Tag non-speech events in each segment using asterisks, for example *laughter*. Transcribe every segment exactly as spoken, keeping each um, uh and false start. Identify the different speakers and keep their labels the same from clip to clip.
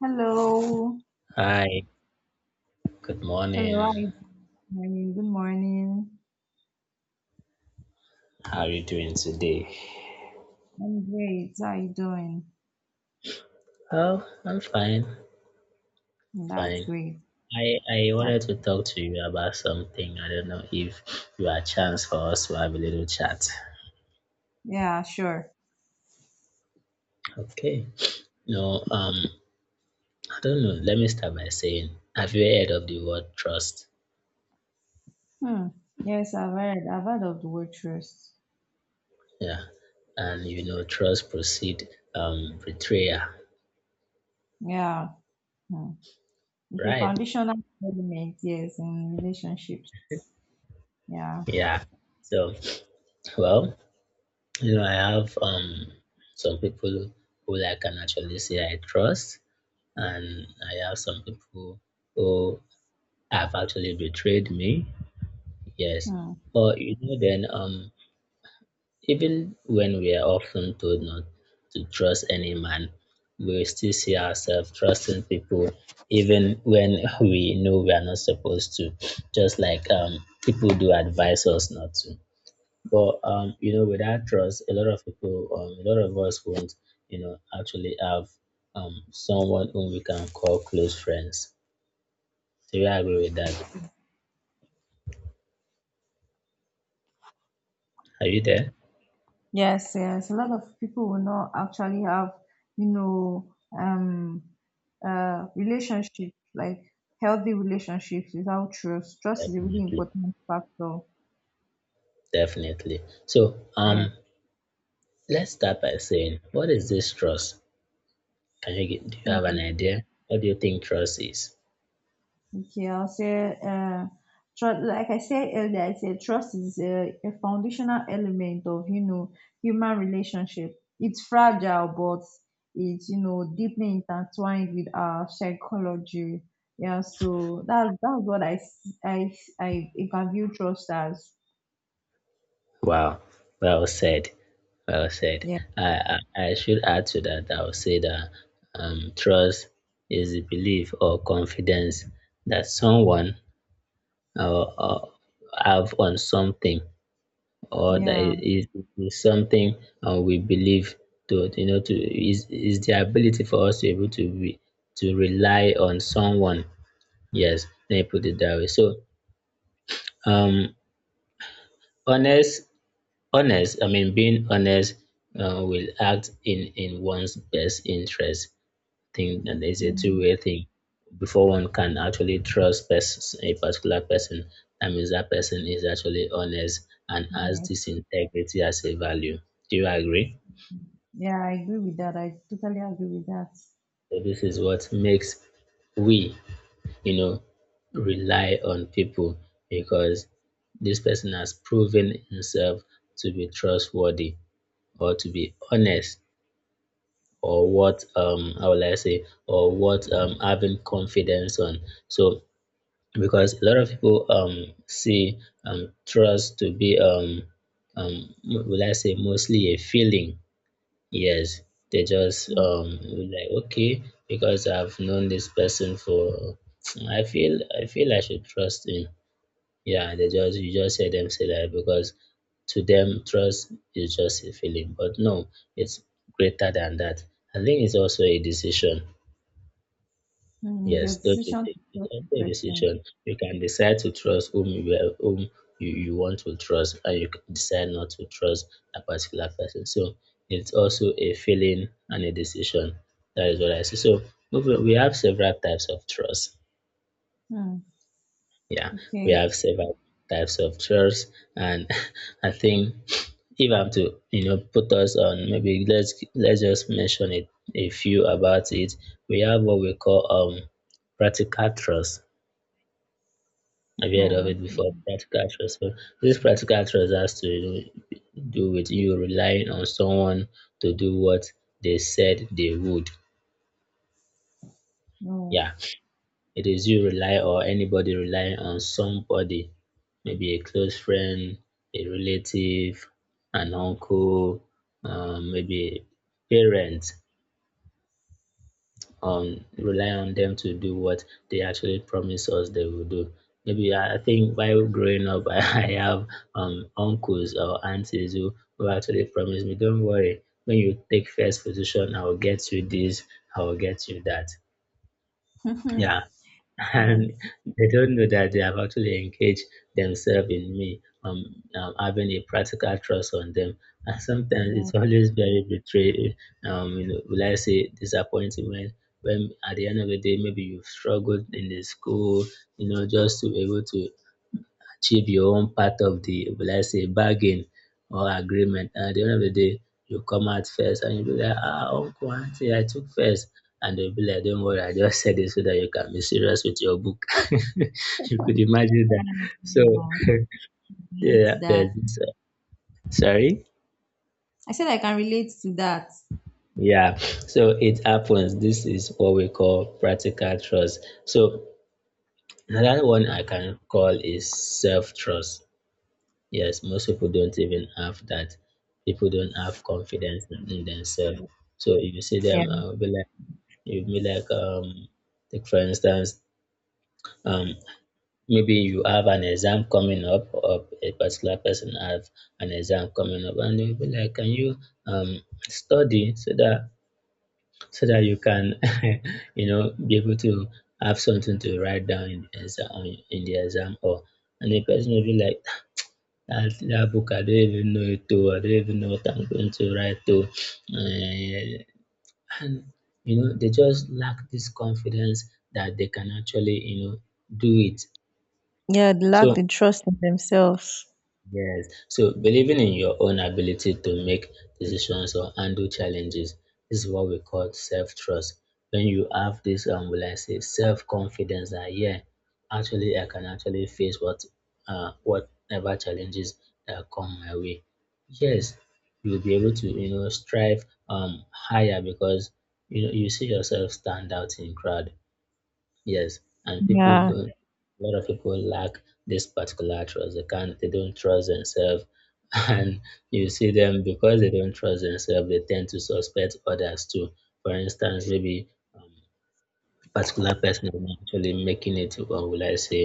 Speaker 1: Hello.
Speaker 2: Hi, good morning.
Speaker 1: Hello. How you doing? Good morning.
Speaker 2: How are you doing today?
Speaker 1: I'm great. How you doing?
Speaker 2: Oh, I'm fine,
Speaker 1: That's
Speaker 2: fine.
Speaker 1: great.
Speaker 2: I, I
Speaker 1: That,
Speaker 2: wanted to talk to you about something. I don't know if you have a chance for us to have a little chat.
Speaker 1: yeah, sure.
Speaker 2: Okay. No, um, I don't know. Let me start by saying, have you heard of the word trust?
Speaker 1: Hmm. Yes, I've heard. I've heard of the word trust.
Speaker 2: Yeah. And you know, trust proceed um betrayal,
Speaker 1: Yeah. Hmm. It's a
Speaker 2: right?
Speaker 1: foundational element, yes, in relationships. Yeah.
Speaker 2: Yeah. So, well, you know, I have um some people who I can actually say I trust, and I have some people who have actually betrayed me. Yes,
Speaker 1: Hmm.
Speaker 2: but you know, then um, even when we are often told not to trust any man, we still see ourselves trusting people, even when *laughs* we know we are not supposed to. Just like um, People do advise us not to. But um, you know, without trust, a lot of people, um, a lot of us won't, you know, actually have um someone whom we can call close friends. So we agree with that. Are you there?
Speaker 1: Yes, yes. A lot of people will not actually have, you know, um, uh, relationships, like healthy relationships, without trust. Trust is a really
Speaker 2: Definitely.
Speaker 1: important factor.
Speaker 2: Definitely. So
Speaker 1: Yeah.
Speaker 2: um let's start by saying, what is this trust? Can you get Do you have an
Speaker 1: Mm.
Speaker 2: idea? What do you think trust is?
Speaker 1: Okay, I'll say, uh, trust, like I said earlier, I said trust is a, a foundational element of, you know, human relationship. It's fragile, but it's, you know, deeply intertwined with our psychology. Yeah, so that, that's what I, s- I, I, I can view trust as.
Speaker 2: Wow. Well said. Well said.
Speaker 1: Yeah.
Speaker 2: I I, I should add to that. I would say that um trust is the belief or confidence that someone uh, uh, have on something, or that
Speaker 1: Yeah.
Speaker 2: it is is something uh, we believe to, you know, to is is the ability for us to be able to re, to rely on someone. Yes, let me put it that way. So um honest, honest i mean being honest, uh, will act in in one's best interest thing, and it's a
Speaker 1: Mm.
Speaker 2: two-way thing. Before one can actually trust pers- a particular person, that means that person is actually honest and has
Speaker 1: Yeah.
Speaker 2: this integrity as a value. Do you agree?
Speaker 1: Yeah, I agree with that. I totally agree with that.
Speaker 2: So this is what makes we, you know, rely on people, because this person has proven himself to be trustworthy or to be honest, or what um how will I say, or what um having confidence on. So because a lot of people um see um trust to be um um will I say mostly a feeling. Yes, they just
Speaker 1: Mm.
Speaker 2: um like, okay, because I've known this person for, I feel I feel I should trust him. Yeah, they just you just hear them say that, because to them trust is just a feeling, but no, it's greater than that. I think it's also a decision.
Speaker 1: Mm. Your
Speaker 2: Yes, don't you
Speaker 1: decision to
Speaker 2: take you
Speaker 1: trust
Speaker 2: can
Speaker 1: the
Speaker 2: take
Speaker 1: person.
Speaker 2: decision. You can decide to trust whom you are- whom you, you want to trust, and you can decide not to trust a particular person. So it's also a feeling and a decision. That is what I see. So moving, we have several types of trust.
Speaker 1: Hmm.
Speaker 2: Yeah, we
Speaker 1: Okay.
Speaker 2: have several types of trust, and *laughs* I think if I'm to, you know, put us on, maybe let's let's just mention it, a few about it. We have what we call um practical trust. Have you heard of
Speaker 1: No.
Speaker 2: it before, practical trust? So this practical trust has to do do with you relying on someone to do what they said they would.
Speaker 1: No.
Speaker 2: Yeah, it is you rely, or anybody relying on somebody, maybe a close friend, a relative, an uncle, um, maybe parent, um rely on them to do what they actually promise us they will do. Maybe I I think while growing up, *laughs* I have um uncles or aunties who, who actually promise me, don't worry, when you take first position, I will get you this, I will get you that.
Speaker 1: *laughs* That's
Speaker 2: Yeah, and *laughs* they don't know that they have actually engaged themselves in me. Um, um, having a practical trust on them, and sometimes
Speaker 1: Yeah. *laughs*
Speaker 2: it's always very betray. Um, you know, will I say disappointing when, when at the end of the day, maybe you've struggled in the school, you know, just to be able to achieve your own part of the, let's say, bargain or agreement. And at the end of the day, you come out first and you'll be like, ah, uncle, auntie, I took first. And they'll be like, don't worry, I just said it so that you can be serious with your book. *laughs* You could imagine
Speaker 1: Yeah,
Speaker 2: that.
Speaker 1: I
Speaker 2: So,
Speaker 1: can
Speaker 2: *laughs*
Speaker 1: relate
Speaker 2: yeah,
Speaker 1: to that.
Speaker 2: there's uh, sorry?
Speaker 1: I said I can relate to that.
Speaker 2: Yeah, so it happens. This is what we call practical trust. So, another one I can call is self trust. Yes, most people don't even have that. People don't have confidence in, in themselves. So if you see them,
Speaker 1: Yeah.
Speaker 2: uh, be like, you be like, um, take for instance, um, maybe you have an exam coming up, or a particular person have an exam coming up, and they'll be like, can you um study so that, so that you can, *laughs* you know, be able to have something to write down in the exam, in the exam, or, and the person will be like, that that book, I don't even know it to. I don't even know what I'm going to write to. Eh, and you know, they just lack this confidence that they can actually, you know, do it.
Speaker 1: Yeah, they lack
Speaker 2: So
Speaker 1: the trust in themselves.
Speaker 2: yes. So believing in your own ability to make decisions or handle challenges, this is what we call self-trust. When you have this, um, will I say, self-confidence, that yeah, actually I can actually face what, uh, whatever challenges that come my way. Yes, you'll be able to, you know, strive um higher, because you know you see yourself stand out in crowd. Yes, and people
Speaker 1: Yeah.
Speaker 2: don't. A lot of people lack this particular trust. They can't. They don't trust themselves, *laughs* and you see them, because they don't trust themselves, they tend to suspect others too. For instance, maybe um, particular person is not actually making it, or will I say,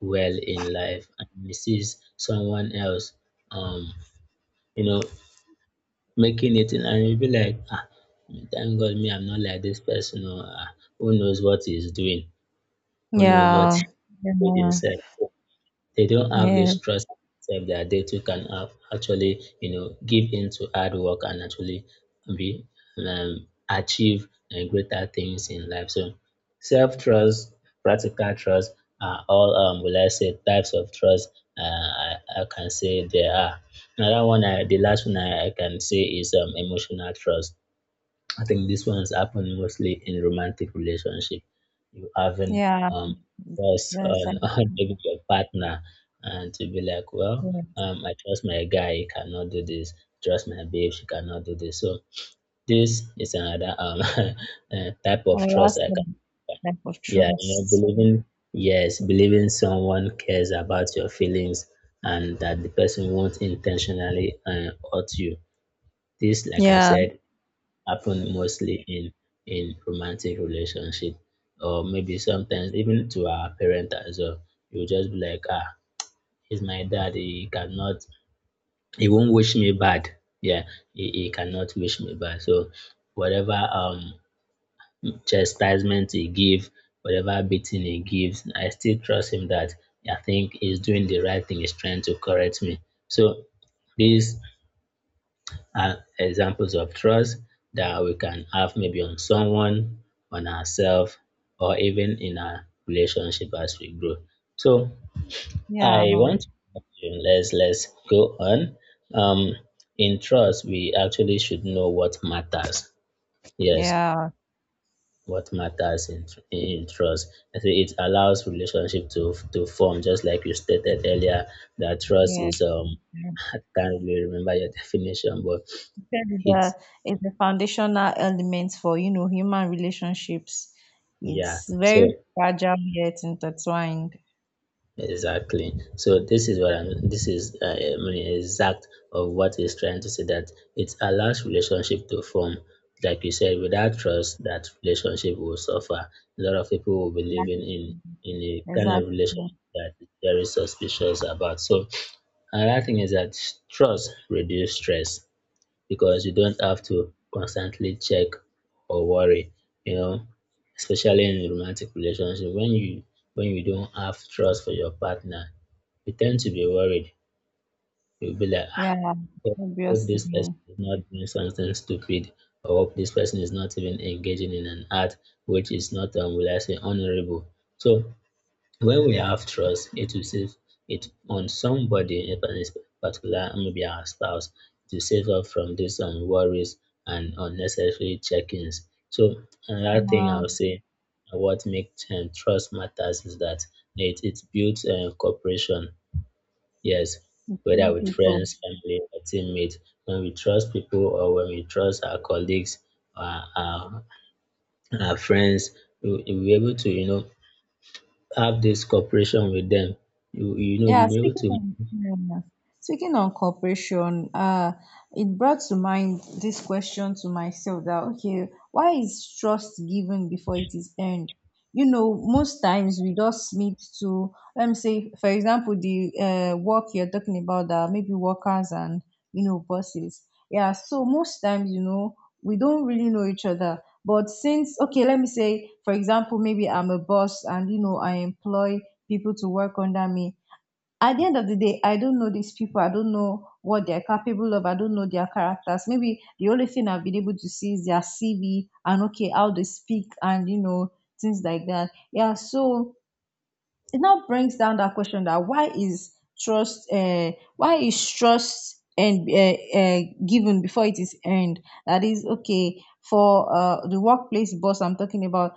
Speaker 2: well in life, and he sees someone else, um, you know, making it, and he'll be like, ah, thank God, me, I'm not like this person, or ah, who knows what he's doing, who knows what
Speaker 1: Yeah.
Speaker 2: with
Speaker 1: Yeah.
Speaker 2: himself. They don't have
Speaker 1: Yeah.
Speaker 2: this trust self that they too can have actually, you know, give into hard work and actually be um, achieve uh, greater things in life. So self trust, practical trust are all um will I say types of trust uh, I, I can say there are. Another one I, the last one I, I can say is um emotional trust. I think this one's happened mostly in romantic relationship. You haven't
Speaker 1: Yeah.
Speaker 2: um trust
Speaker 1: That's I
Speaker 2: on, *laughs* on maybe your partner, and to be like, well,
Speaker 1: Yeah.
Speaker 2: um, I trust my guy, he cannot do this. Trust my babe, she cannot do this. So this is another um *laughs* eh, type of
Speaker 1: I
Speaker 2: trust
Speaker 1: lost
Speaker 2: I
Speaker 1: the
Speaker 2: can,
Speaker 1: lack of
Speaker 2: yeah, you know,
Speaker 1: trust.
Speaker 2: believing, yes, believing someone cares about your feelings and that the person won't intentionally uh, hurt you. This, like I
Speaker 1: Yeah.
Speaker 2: said, happen mostly in in romantic relationship, or maybe sometimes even to our parent as well. You just be like, ah, he's my dad. He cannot, he won't wish me bad. Yeah, he, he cannot wish me bad. So whatever um chastisement he give, whatever beating he gives, I still trust him that I think he's doing the right thing. He's trying to correct me. So this are examples of trust that we can have maybe on someone, on ourselves, or even in our relationship as we grow. So
Speaker 1: Yeah.
Speaker 2: I want to, let's let's go on. Um, in trust, we actually should know what matters. Yes,
Speaker 1: Yeah.
Speaker 2: what matters in in trust. I think it allows relationship to to form, just like you stated earlier. That trust
Speaker 1: Yeah.
Speaker 2: is um *laughs* I can't really remember your *laughs* definition, but
Speaker 1: is a
Speaker 2: it's.
Speaker 1: is a foundational element for you know human relationships.
Speaker 2: Yeah,
Speaker 1: It's very
Speaker 2: so
Speaker 1: fragile yet intertwined.
Speaker 2: exactly. So this is what I'm, this is uh, I mean, exact of what he's trying to say, that it allows relationship to form. Like you said, without trust, that relationship will suffer. A lot of people will be
Speaker 1: Yeah,
Speaker 2: living in in a kind of
Speaker 1: exactly.
Speaker 2: relationship that is very suspicious about. So another thing is that trust reduce stress, because you don't have to constantly check or worry, you know, especially in romantic relationship. When you, when you don't have trust for your partner, you tend to be worried. You'll be like, ah,
Speaker 1: Yeah,
Speaker 2: hope hope this
Speaker 1: obviously.
Speaker 2: person is not doing something stupid, or hope this person is not even engaging in an act which is not, um, will I say, honorable. So when we have trust, it will save it on somebody in particular, maybe our spouse, to save us from these um, worries and unnecessary check-ins. So another thing
Speaker 1: Yeah,
Speaker 2: I would say, uh, what makes um, trust matters is that it, it builds uh, cooperation. Yes, whether
Speaker 1: between
Speaker 2: with
Speaker 1: people.
Speaker 2: friends, family, or teammates, when we trust people, or when we trust our colleagues, our, our, our friends, we- we're able to, you know, have this cooperation with them, you you know
Speaker 1: Yeah,
Speaker 2: you'll be able
Speaker 1: speaking
Speaker 2: to.
Speaker 1: on yeah, yeah. speaking on cooperation, uh, it brought to mind this question to myself that, okay, why is trust given before it is earned? You know, most times we just need to let me say, for example, the uh, work you're talking about, that maybe workers and you know bosses. Yeah, so most times you know we don't really know each other. But since, okay, let me say, for example, maybe I'm a boss and you know I employ people to work under me. At the end of the day, I don't know these people, I don't know what they're capable of, I don't know their characters. Maybe the only thing I've been able to see is their CV and, okay, how they speak and, you know things like that. Yeah, so it now brings down that question, that, why is trust uh, why is trust and uh, uh, given before it is earned. That is, okay, for uh, the workplace boss I'm talking about.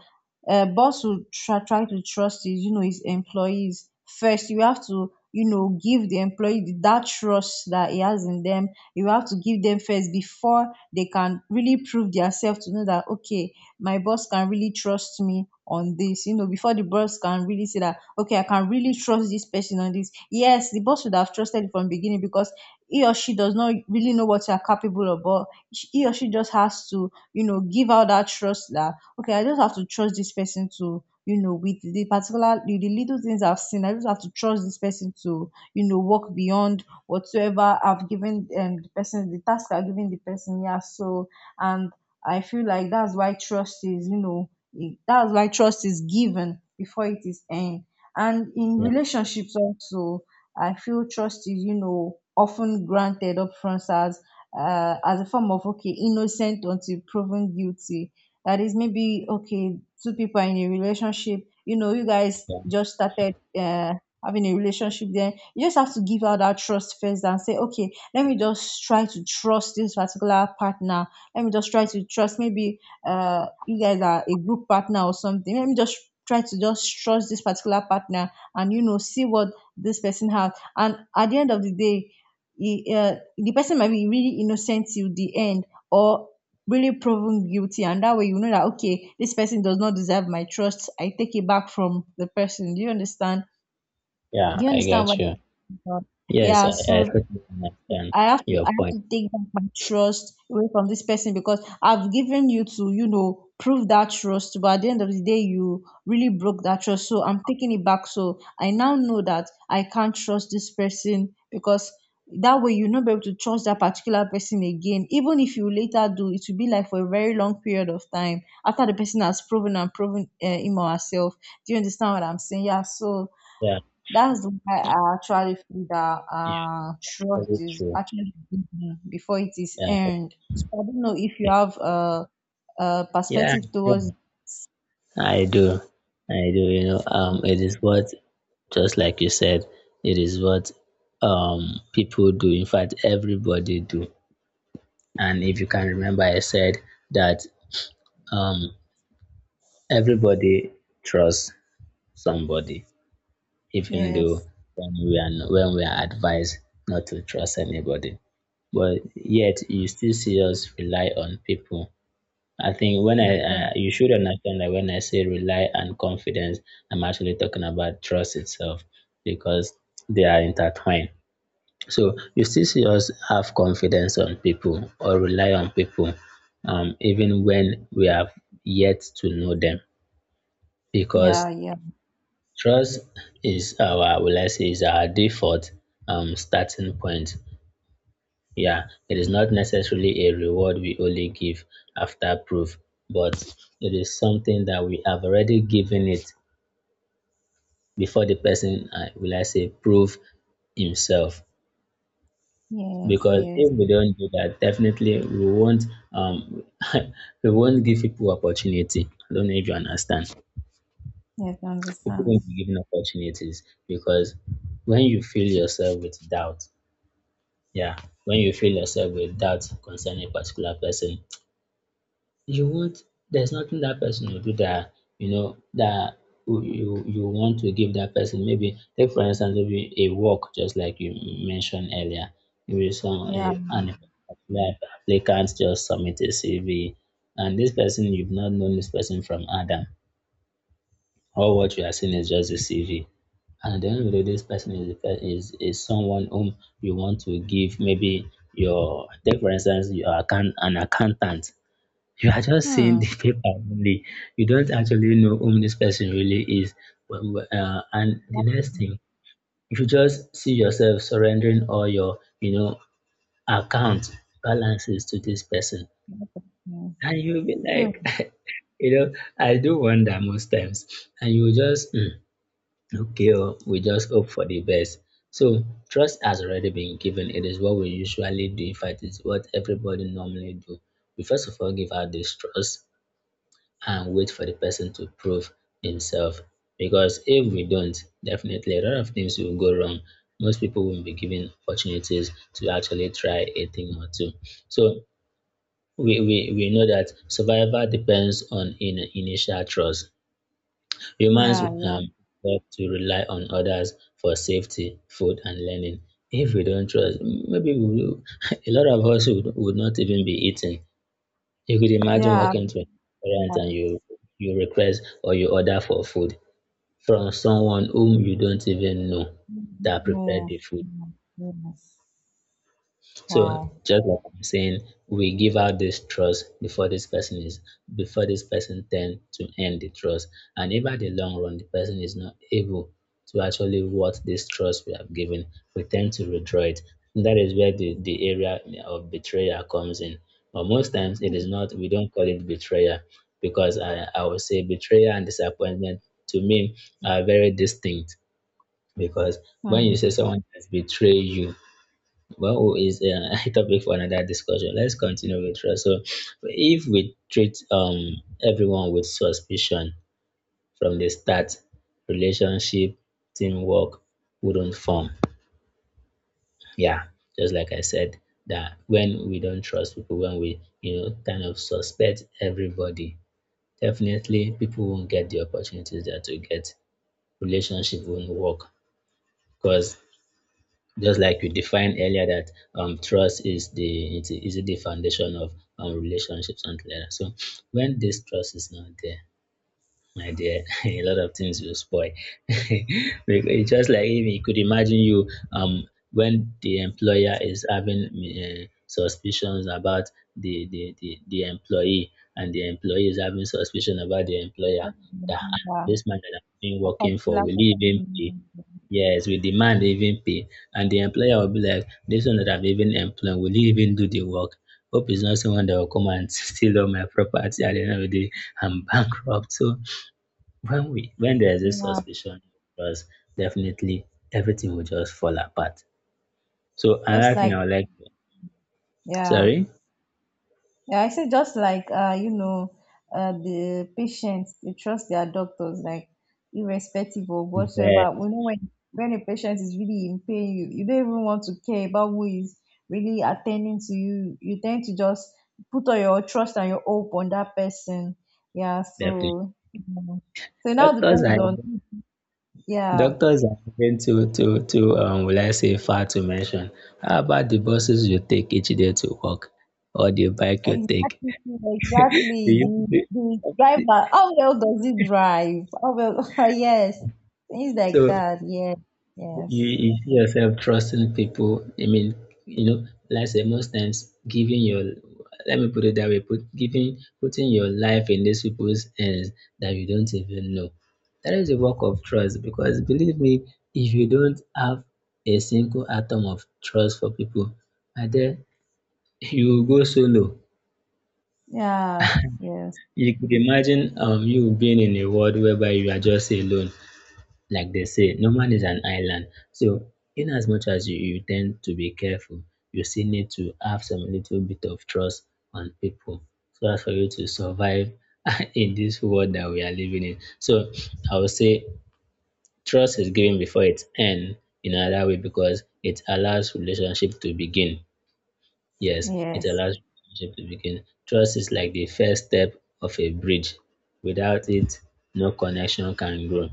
Speaker 1: uh, Boss will try, try to trust his, you know his employees. First you have to, you know give the employee that trust that he has in them. You have to give them first before they can really prove themselves to know that, okay, my boss can really trust me on this. You know before the boss can really say that, okay, I can really trust this person on this. Yes, the boss would have trusted from beginning because he or she does not really know what you are capable of. But sh- he or she just has to, you know give out that trust, that, okay, I just have to trust this person to, you know with the particular, the, the little things I've seen. I just have to trust this person to, you know work beyond whatsoever I've given, um, the person, the task I've given the person. Yeah, so, and I feel like that's why trust is, you know, i- that's why trust is given before it is earned. And in
Speaker 2: Yeah,
Speaker 1: relationships also, I feel trust is, you know, often granted upfront as uh, as a form of, okay, innocent until proven guilty. That is maybe, okay, two people are in a relationship, you know, you guys
Speaker 2: yeah,
Speaker 1: just started uh having a relationship. Then you just have to give out that trust first and say, okay, let me just try to trust this particular partner. Let me just try to trust, maybe uh you guys are a group partner or something. Let me just try to just trust this particular partner and, you know see what this person has. And at the end of the day, he, uh, the person might be really innocent till the end, or really proven guilty. And that way you know that, okay, this person does not deserve my trust. I take it back from the person. Do you understand do
Speaker 2: yeah,
Speaker 1: you
Speaker 2: I
Speaker 1: understand what
Speaker 2: get you.
Speaker 1: I'm talking about?
Speaker 2: Yes,
Speaker 1: Yeah,
Speaker 2: I, I
Speaker 1: so
Speaker 2: totally understand
Speaker 1: I have to
Speaker 2: your
Speaker 1: I have
Speaker 2: point.
Speaker 1: to take back my trust away from this person because I've given you to, you know, prove that trust, but at the end of the day you really broke that trust. So I'm taking it back. So I now know that I can't trust this person, because that way you'll not be able to trust that particular person again. Even if you later do, it will be like for a very long period of time after the person has proven and proven, uh, him or herself. Do you understand what I'm saying? Yeah, so
Speaker 2: Yeah,
Speaker 1: that's why I actually feel that,
Speaker 2: yeah,
Speaker 1: uh, trust
Speaker 2: very
Speaker 1: is
Speaker 2: true.
Speaker 1: actually given before it is
Speaker 2: Yeah,
Speaker 1: earned. So I don't know if you
Speaker 2: okay.
Speaker 1: have a, a
Speaker 2: Yeah,
Speaker 1: perspective towards.
Speaker 2: I do, I do. You know, um, it is what, just like you said, it is what um people do. In fact, everybody do. And if you can remember, I said that um everybody trusts somebody, even though
Speaker 1: Yes.
Speaker 2: when we are no- when we are advised not to trust anybody. But yet you still see us rely on people. I think when I
Speaker 1: Okay.
Speaker 2: uh, you should understand that when I say rely and confidence, I'm actually talking about trust itself because they are intertwined. So you still see us have confidence on people or rely on people, um, even when we have yet to know them,
Speaker 1: Yeah.
Speaker 2: because
Speaker 1: Yeah.
Speaker 2: trust is our, will I say, is our default um, starting point. Yeah, it is not necessarily a reward we only give after proof, but it is something that we have already given it before the person, uh, will I say, prove himself.
Speaker 1: Yes.
Speaker 2: Because
Speaker 1: Yes.
Speaker 2: if we don't do that, definitely we won't um *laughs* we won't give people opportunity. I don't know if you understand.
Speaker 1: Yes, I
Speaker 2: People
Speaker 1: understand.
Speaker 2: won't be given opportunities because when you fill yourself with doubt. Yeah, when you feel yourself with doubt concerning a particular person, you want, there's nothing that person will do that you know that you you you want to give that person. Maybe take for instance maybe a work, just like you mentioned earlier. Maybe some a,
Speaker 1: Yeah.
Speaker 2: an particular applicant just submit a C V, and this person, you've not known this person from Adam, all what you are seeing is just a C V. And at the end of the day, this person is, the pe- is is someone whom you want to give, maybe your, take for instance your account, an accountant. You are just seeing
Speaker 1: Hmm.
Speaker 2: the *laughs* paper only. You don't actually know whom this person really is. But- but, Uh, and the
Speaker 1: That's
Speaker 2: next thing, if you just see yourself surrendering all your you know account balances to this person,
Speaker 1: interesting.
Speaker 2: and you'll be
Speaker 1: Hmm.
Speaker 2: like, *laughs* you know, I do wonder most times, and you will just. "Hmm, okay, oh, we just hope for the best." So, trust has already been given. It is what we usually do. In fact, it's what everybody normally do. We first of all give out this trust and wait for the person to prove himself. Because if we don't, definitely a lot of things will go wrong. Most people won't be given opportunities to actually try a thing or two. So, we, we, we know that survival depends on in, initial trust. Humans
Speaker 1: Yeah. Yeah.
Speaker 2: um love to rely on others for safety, food, and learning. If we don't trust, maybe we will, *laughs* a lot of us would, would not even be eating. You could imagine
Speaker 1: Yeah.
Speaker 2: walking to a restaurant
Speaker 1: Yeah.
Speaker 2: and you you request or you order for food from someone whom you don't even know that prepared the
Speaker 1: No.
Speaker 2: food.
Speaker 1: No, yes.
Speaker 2: So
Speaker 1: Wow.
Speaker 2: just like I'm saying, we give out this trust before this person is before this person tend to end the trust. And if at the long run the person is not able to actually what this trust we have given, we tend to withdraw it. And that is where the, the area of betrayal comes in. But most times it is not, we don't call it betrayal because I, I would say betrayal and disappointment, to me, are very distinct. Because when
Speaker 1: Hmm.
Speaker 2: you say someone has betrayed you, well, oh, is uh, a *laughs* topic for another discussion. Let's continue with trust. So if we treat um everyone with suspicion from the start, relationship, teamwork wouldn't form. Yeah, just like I said, that when we don't trust people, when we you know kind of suspect everybody, definitely people won't get the opportunities that to get, relationship won't work, because just like we defined earlier, that um, trust is the it is the foundation of um, relationships and like that. So when this trust is not there, my dear, *laughs* a lot of things will spoil. *laughs* Because it's just like, if you could imagine you, um when the employer is having uh, suspicions about the, the the the employee, and the employee is having suspicion about the employer, that "Ah,
Speaker 1: Yeah.
Speaker 2: this man that I've been
Speaker 1: A
Speaker 2: working for,
Speaker 1: particular.
Speaker 2: will he even pay? Yes, we demand even pay," and the employer will be like, "This one that i have even employed, will you even do the work? Hope it's not someone that will come and *laughs* steal all my property at the end of the day. I'm *laughs* bankrupt." So when we when there's a
Speaker 1: Yeah.
Speaker 2: suspicion of, definitely everything will just fall apart. So
Speaker 1: just
Speaker 2: another thing I
Speaker 1: like
Speaker 2: would like to,
Speaker 1: yeah
Speaker 2: sorry?
Speaker 1: yeah i say just like uh you know uh the patients, they trust their doctors, like, irrespective of
Speaker 2: Yeah,
Speaker 1: whatsoever, you know when when a patient is really in pain, you, you don't even want to care about who is really attending to you. You tend to just put all your trust and your hope on that person. Yeah,
Speaker 2: definitely.
Speaker 1: so, you know, so now
Speaker 2: Doctors
Speaker 1: depends
Speaker 2: are
Speaker 1: on. Yeah.
Speaker 2: Doctors are given too, too, too, um, will I say, far to mention. How about the buses you take each day to work, or the bike you take?
Speaker 1: Exactly,
Speaker 2: Do
Speaker 1: exactly.
Speaker 2: you,
Speaker 1: The
Speaker 2: do,
Speaker 1: the driver, how well does he drive? How well, *laughs* yes, things like
Speaker 2: so
Speaker 1: that. Yes,
Speaker 2: You
Speaker 1: yes,
Speaker 2: you see yourself trusting people. I mean, you know, like I said, most times giving your let me put it that way, put giving putting your life in these people's hands that you don't even know. That is a work of trust, because believe me, if you don't have a single atom of trust for people, and then you will go solo.
Speaker 1: yeah, yes,
Speaker 2: You could imagine um you being in a world whereby you are just alone. Like they say, no man is an island. So, in as much as you, you tend to be careful, you still need to have some little bit of trust on people so as for you to survive *laughs* in this world that we are living in. So, I would say trust is given before it end, in another way, because it allows relationship to begin. Yes, it
Speaker 1: yes.
Speaker 2: allows relationship to begin. Trust is like the first step of a bridge. Without it, no connection can grow.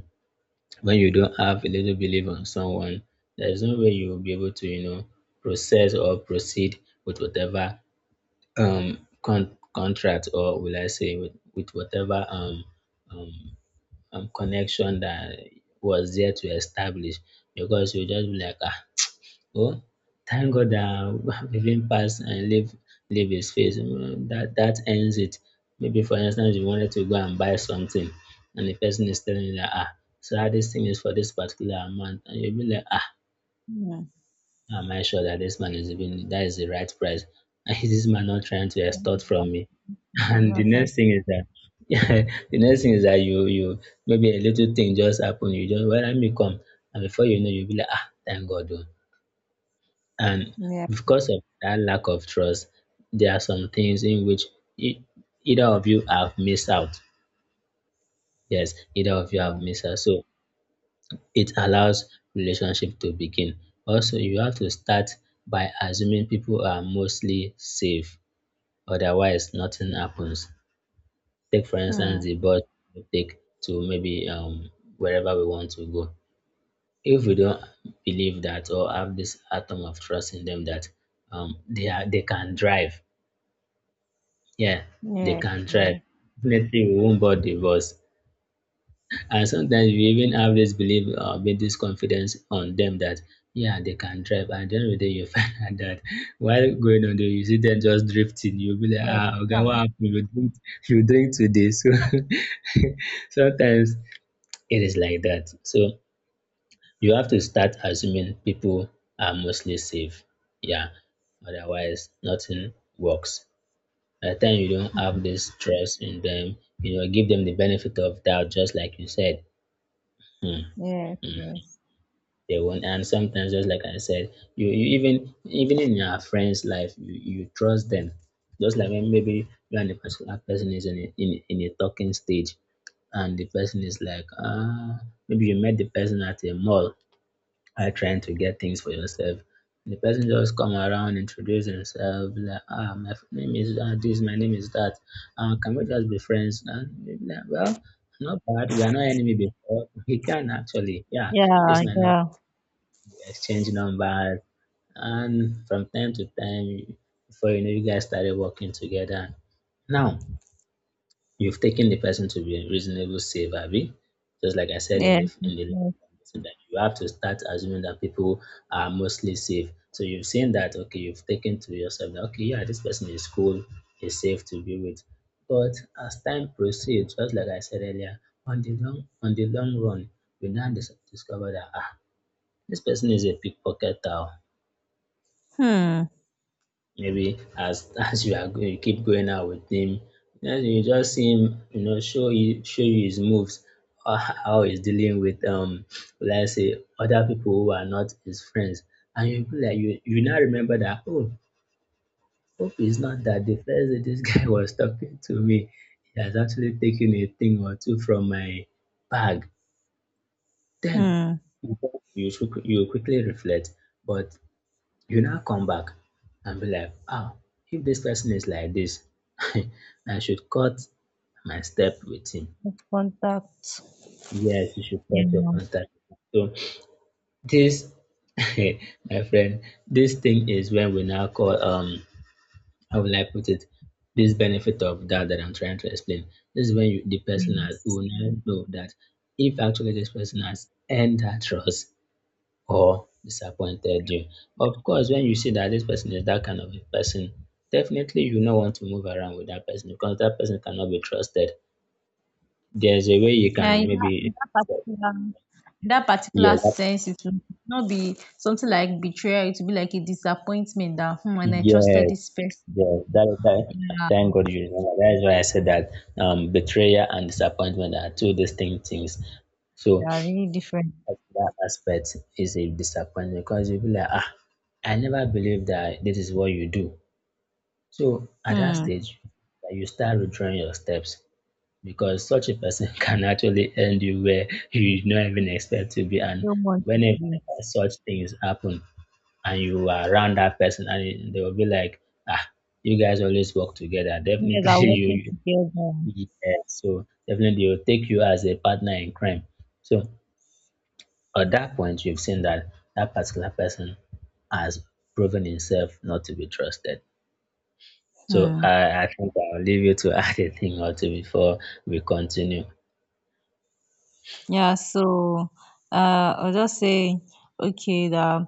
Speaker 2: When you don't have a little belief on someone, there's no way you will be able to, you know, process or proceed with whatever um con- contract, or will I say with, with whatever um, um um connection that was there to establish, because you just be like, ah, oh, thank God that *laughs* we've even passed and leave leave his face. Mm, That that ends it. Maybe for instance you wanted to go and buy something, and the person is telling you that, ah, so that this thing is for this particular amount, and you'll be like, ah,
Speaker 1: Hmm.
Speaker 2: am I sure that this man is even that is the right price? *laughs* And is this man not trying to extort
Speaker 1: Yeah.
Speaker 2: from me? *laughs*
Speaker 1: He's
Speaker 2: And the
Speaker 1: not trying.
Speaker 2: next thing is that, *laughs* the next thing is that you you maybe a little thing just happen, you just, well, let me come, and before you know, you'll be like, ah, thank God, oh. And
Speaker 1: Yeah,
Speaker 2: because of that lack of trust, there are some things in which e- either of you have missed out. Yes, either of you have
Speaker 1: yeah.
Speaker 2: missed out. So it allows relationship to begin. Also, you have to start by assuming people are mostly safe. Otherwise, nothing happens. Take for
Speaker 1: Hmm.
Speaker 2: instance the bus we take to, maybe, um wherever we want to go. If we don't believe that or have this atom of trust in them that, um they are they can drive. Yeah, they
Speaker 1: Yeah,
Speaker 2: can try.
Speaker 1: yeah,
Speaker 2: Definitely, we won't bought divorce. And sometimes we even have this belief or build this confidence on them that, yeah, they can drive. And at the end of the day, you *laughs* find out that while going on there, you see them just drifting. You'll be like,
Speaker 1: yes,
Speaker 2: ah, okay,
Speaker 1: yeah.
Speaker 2: what happened? You drink, you drink today. *laughs* So sometimes it is like that. So you have to start assuming people are mostly safe. Yeah, otherwise nothing works. By the time you don't have this trust in them, you know, give them the benefit of doubt, just like you said.
Speaker 1: Yes, yes.
Speaker 2: They won't. And sometimes, just like I said, you, you even even in your friend's life, you, you trust them. Just like when maybe you and the particular person is in a, in, in a talking stage, and the person is like, ah, maybe you met the person at a mall, are trying to get things for yourself. And the person just come around, introduce himself, like, ah, my f- name is uh, this, my name is that. Uh, can we just be friends? And you'll be like, well, not bad. We are not enemy before. He can actually, yeah. This
Speaker 1: Yeah,
Speaker 2: might not
Speaker 1: yeah,
Speaker 2: be, exchange numbers, and from time to time, before you know, you guys started working together. Now, You've taken the person to be a reasonable safe, Abby. Just like I said in
Speaker 1: yeah.
Speaker 2: the in the last
Speaker 1: Yes.
Speaker 2: conversation, that you have to start assuming that people are mostly safe. So you've seen that, okay, you've taken to yourself that, okay, yeah, this person is cool, is safe to be with. But as time proceeds, just like I said earlier, on the long on the long run, you now dis- discover that, ah, this person is a pickpocketer. Oh,
Speaker 1: Hmm.
Speaker 2: maybe as *laughs* as you are go- you keep going out with him, then you just see him, you know, show you show you his moves, uh, how he's dealing with um, let's say, other people who are not his friends, and you be like, you you now remember that, oh, hope it's not that the first day this *laughs* guy was talking to me, he has actually taken a thing or two from my bag. Then
Speaker 1: Hmm.
Speaker 2: you you should- you quickly reflect, but you now come back and be like, ah, if this person is like this, *laughs* I should cut my step with him.
Speaker 1: Contact.
Speaker 2: Yes, you should
Speaker 1: Yeah.
Speaker 2: cut your contact. So this, *laughs* my friend, this thing is when we now call, um how will I put it? This benefit of doubt that I'm trying to explain. This is when you, the person
Speaker 1: Yeah.
Speaker 2: has, will now know that if actually this person has earned that trust or disappointed you. Of course, when you see that this person is that kind of a person, definitely you don't want to move around with that person because that person cannot be trusted. There's a way you
Speaker 1: Yeah,
Speaker 2: can
Speaker 1: in that,
Speaker 2: maybe,
Speaker 1: in that particular in that particular
Speaker 2: yes, that-
Speaker 1: sense, it will not be something like betrayal. It will be like a disappointment that, hmm, and I
Speaker 2: yes,
Speaker 1: trusted this person.
Speaker 2: yes. That, that,
Speaker 1: Yeah,
Speaker 2: thank God you remember. That is why I said that, um, betrayal and disappointment are two distinct things.
Speaker 1: they
Speaker 2: So
Speaker 1: are really different.
Speaker 2: that's- that aspect is a disappointment because you'll be like, ah, I never believed that this is what you do. So at that
Speaker 1: Hmm,
Speaker 2: stage, that you start withdrawing your steps because such a person *laughs* can actually end you where you did not even expect to be. And
Speaker 1: don't want to
Speaker 2: whenever
Speaker 1: be.
Speaker 2: such things happen and you are around that person, and it- they will be like, ah, you guys always work together. *laughs*
Speaker 1: You guys are
Speaker 2: Definitely,
Speaker 1: working
Speaker 2: you,
Speaker 1: together.
Speaker 2: you yeah, so definitely they'll take you as a partner in crime. So at that point, you've seen that that particular person has proven himself not to be trusted. So
Speaker 1: Hmm.
Speaker 2: I, I think I'll leave you to *laughs* add a thing or two before we continue.
Speaker 1: Yeah, so, uh, I'll just say, okay, that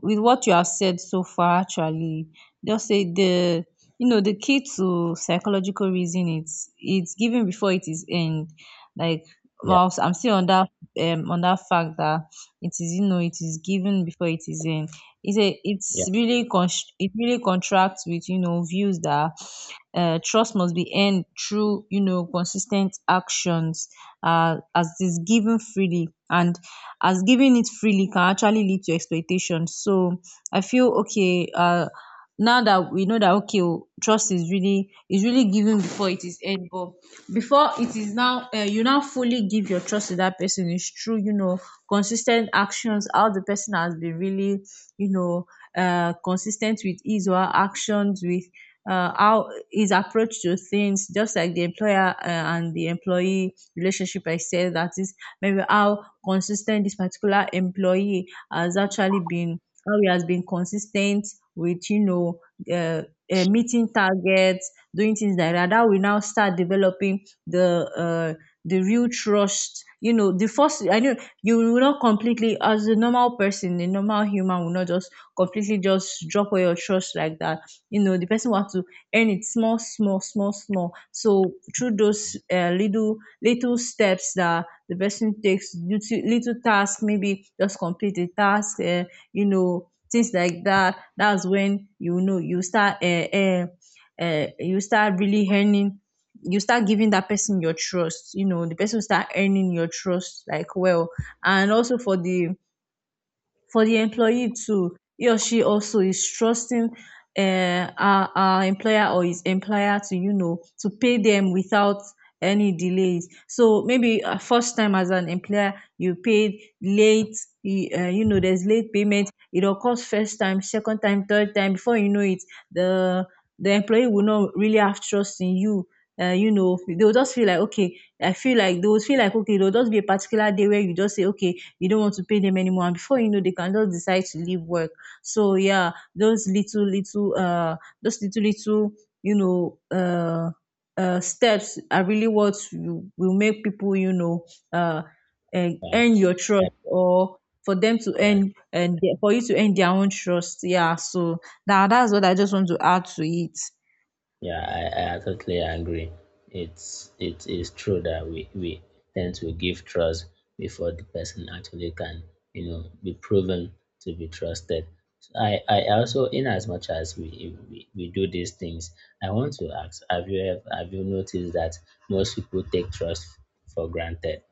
Speaker 1: with what you have said so far, actually, just say the you know the key to psychological reason, it's it's given before it is end. Like,
Speaker 2: Yeah,
Speaker 1: whilst I'm still on that um on that fact that it is, you know it is given before it is end. It's a it's
Speaker 2: yeah,
Speaker 1: really con- it really contracts with, you know views that, uh, trust must be earned through, you know consistent actions, uh, as it is given freely and as giving it freely can actually lead to exploitation. So I feel, okay. Uh, now that we know that, okay, oh, trust is really is really given before it is earned, but before it is now, uh, you now fully give your trust to that person is true. You know, consistent actions, how the person has been really, you know uh consistent with his or her actions, with, uh, how his approach to things. Just like the employer, uh, and the employee relationship, I said that is maybe how consistent this particular employee has actually been, how he has been consistent with, you know, uh, uh, meeting targets, doing things like that. That will now start developing the uh, the real trust. You know, the first I know, you will not completely, as a normal person, a normal human, will not just completely just drop all your trust like that. You know the person will to earn it, small, small, small, small. So, through those, uh, little little steps that the person takes, little, little task, maybe just complete a task, uh, you know things like that. That's when, you know you start uh, uh, uh, you start really earning, you start giving that person your trust. You know the person will start earning your trust, like, well. And also for the for the employee too. He or she also is trusting, uh, our our employer, or his employer, to, you know to pay them without any delays. So maybe, uh, first time as an employer you paid late, y- uh, you know there's late payment. It occurs first time, second time, third time. Before you know it, the the employee will not really have trust in you. Uh, you know They will just feel like, okay, I feel like, they will feel like, okay, there will just be a particular day where you just say, okay, you don't want to pay them anymore, and before you know, they can just decide to leave work. So yeah, those little little uh those little little, you know uh uh steps are really what you, will make people, you know uh and
Speaker 2: yeah,
Speaker 1: earn your trust,
Speaker 2: I,
Speaker 1: or for them to
Speaker 2: yeah,
Speaker 1: earn, and for you to earn their own trust. Yeah, so that that's what I just want to add to it.
Speaker 2: yeah, I, I totally agree. It's, it is true that we we tend to give trust before the person actually can, you know, be proven to be trusted. So I I also, in as much as we, we we do these things, I want to ask: have you ever, have you noticed that most people take trust for granted?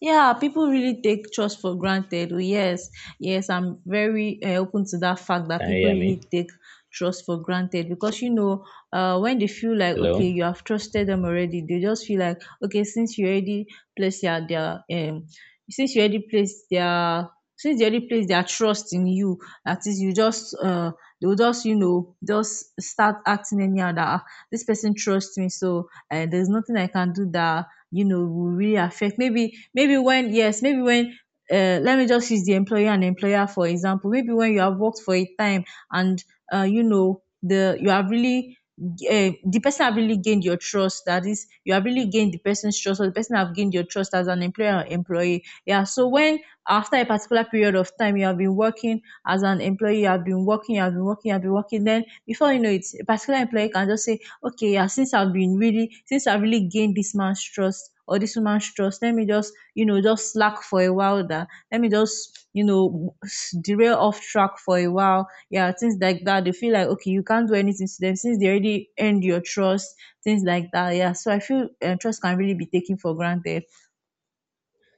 Speaker 1: Yeah, people really take trust for granted. Oh, yes, yes, I'm very, uh, open to that fact that
Speaker 2: Can you
Speaker 1: people
Speaker 2: hear me?
Speaker 1: really take trust for granted, because, you know, uh, when they feel like, okay,
Speaker 2: Hello.
Speaker 1: you have trusted them already, they just feel like, okay, since you already placed their their um, since you already placed their since they already placed their trust in you. That is, you just uh, They will just, you know just start acting anyhow, that, "Ah, this person trusts me, so, uh, there's nothing I can do that, you know will really affect." Maybe maybe when, yes, maybe when, uh, let me just use the employer and employer, for example. Maybe when you have worked for a time and, uh, you know the you have really uh, the person have really gained your trust. That is, you have really gained the person's trust, or the person have gained your trust, as an employer or employee. Yeah, so when, after a particular period of time, you have been working as an employee, you have been working you have been working you have been working, then before you know it, a particular employee can just say, okay, yeah, since i've been really since I've really gained this man's trust, or this woman's trust, let me just, you know just slack for a while. That, let me just, you know s- derail off track for a while, yeah, things like that. They feel like, okay, you can't do anything to them since they already earned your trust, things like that. Yeah, so I feel, uh, trust can really be taken for granted.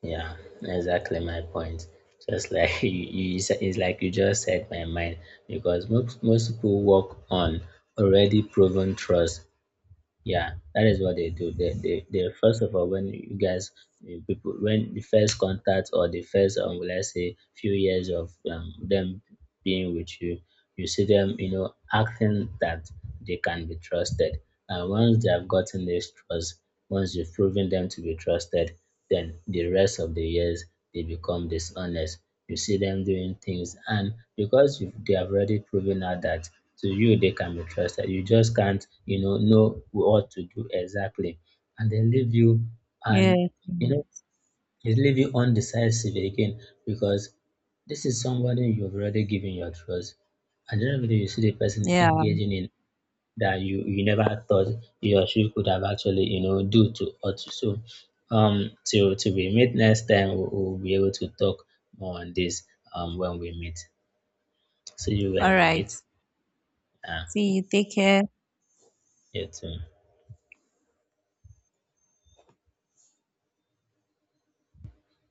Speaker 2: Yeah, exactly my point. Just like *laughs* you, you said, it's like you just said my mind, because most most people work on already proven trust. Yeah, that is what they do. They, they, they first of all, when you guys, you people, when the first contact or the first, um, let's say, few years of, um, them being with you, you see them, you know, acting that they can be trusted. And once they have gotten this trust, once you've proven them to be trusted, then the rest of the years they become dishonest. You see them doing things, and because you've, they have already proven out that to you they can be trusted. You just can't, you know, know what to do exactly. And they leave you
Speaker 1: Yeah,
Speaker 2: and, you know, they leave you undecisive again because this is somebody you've already given your trust. And then when you see the person
Speaker 1: yeah.
Speaker 2: engaging in that you you never thought you or she could have actually, you know, do to us. So, um till till we meet next time, we'll, we'll be able to talk more on this um when we meet. See you
Speaker 1: All
Speaker 2: when we
Speaker 1: right.
Speaker 2: meet. Uh,
Speaker 1: See you, take care.
Speaker 2: you too.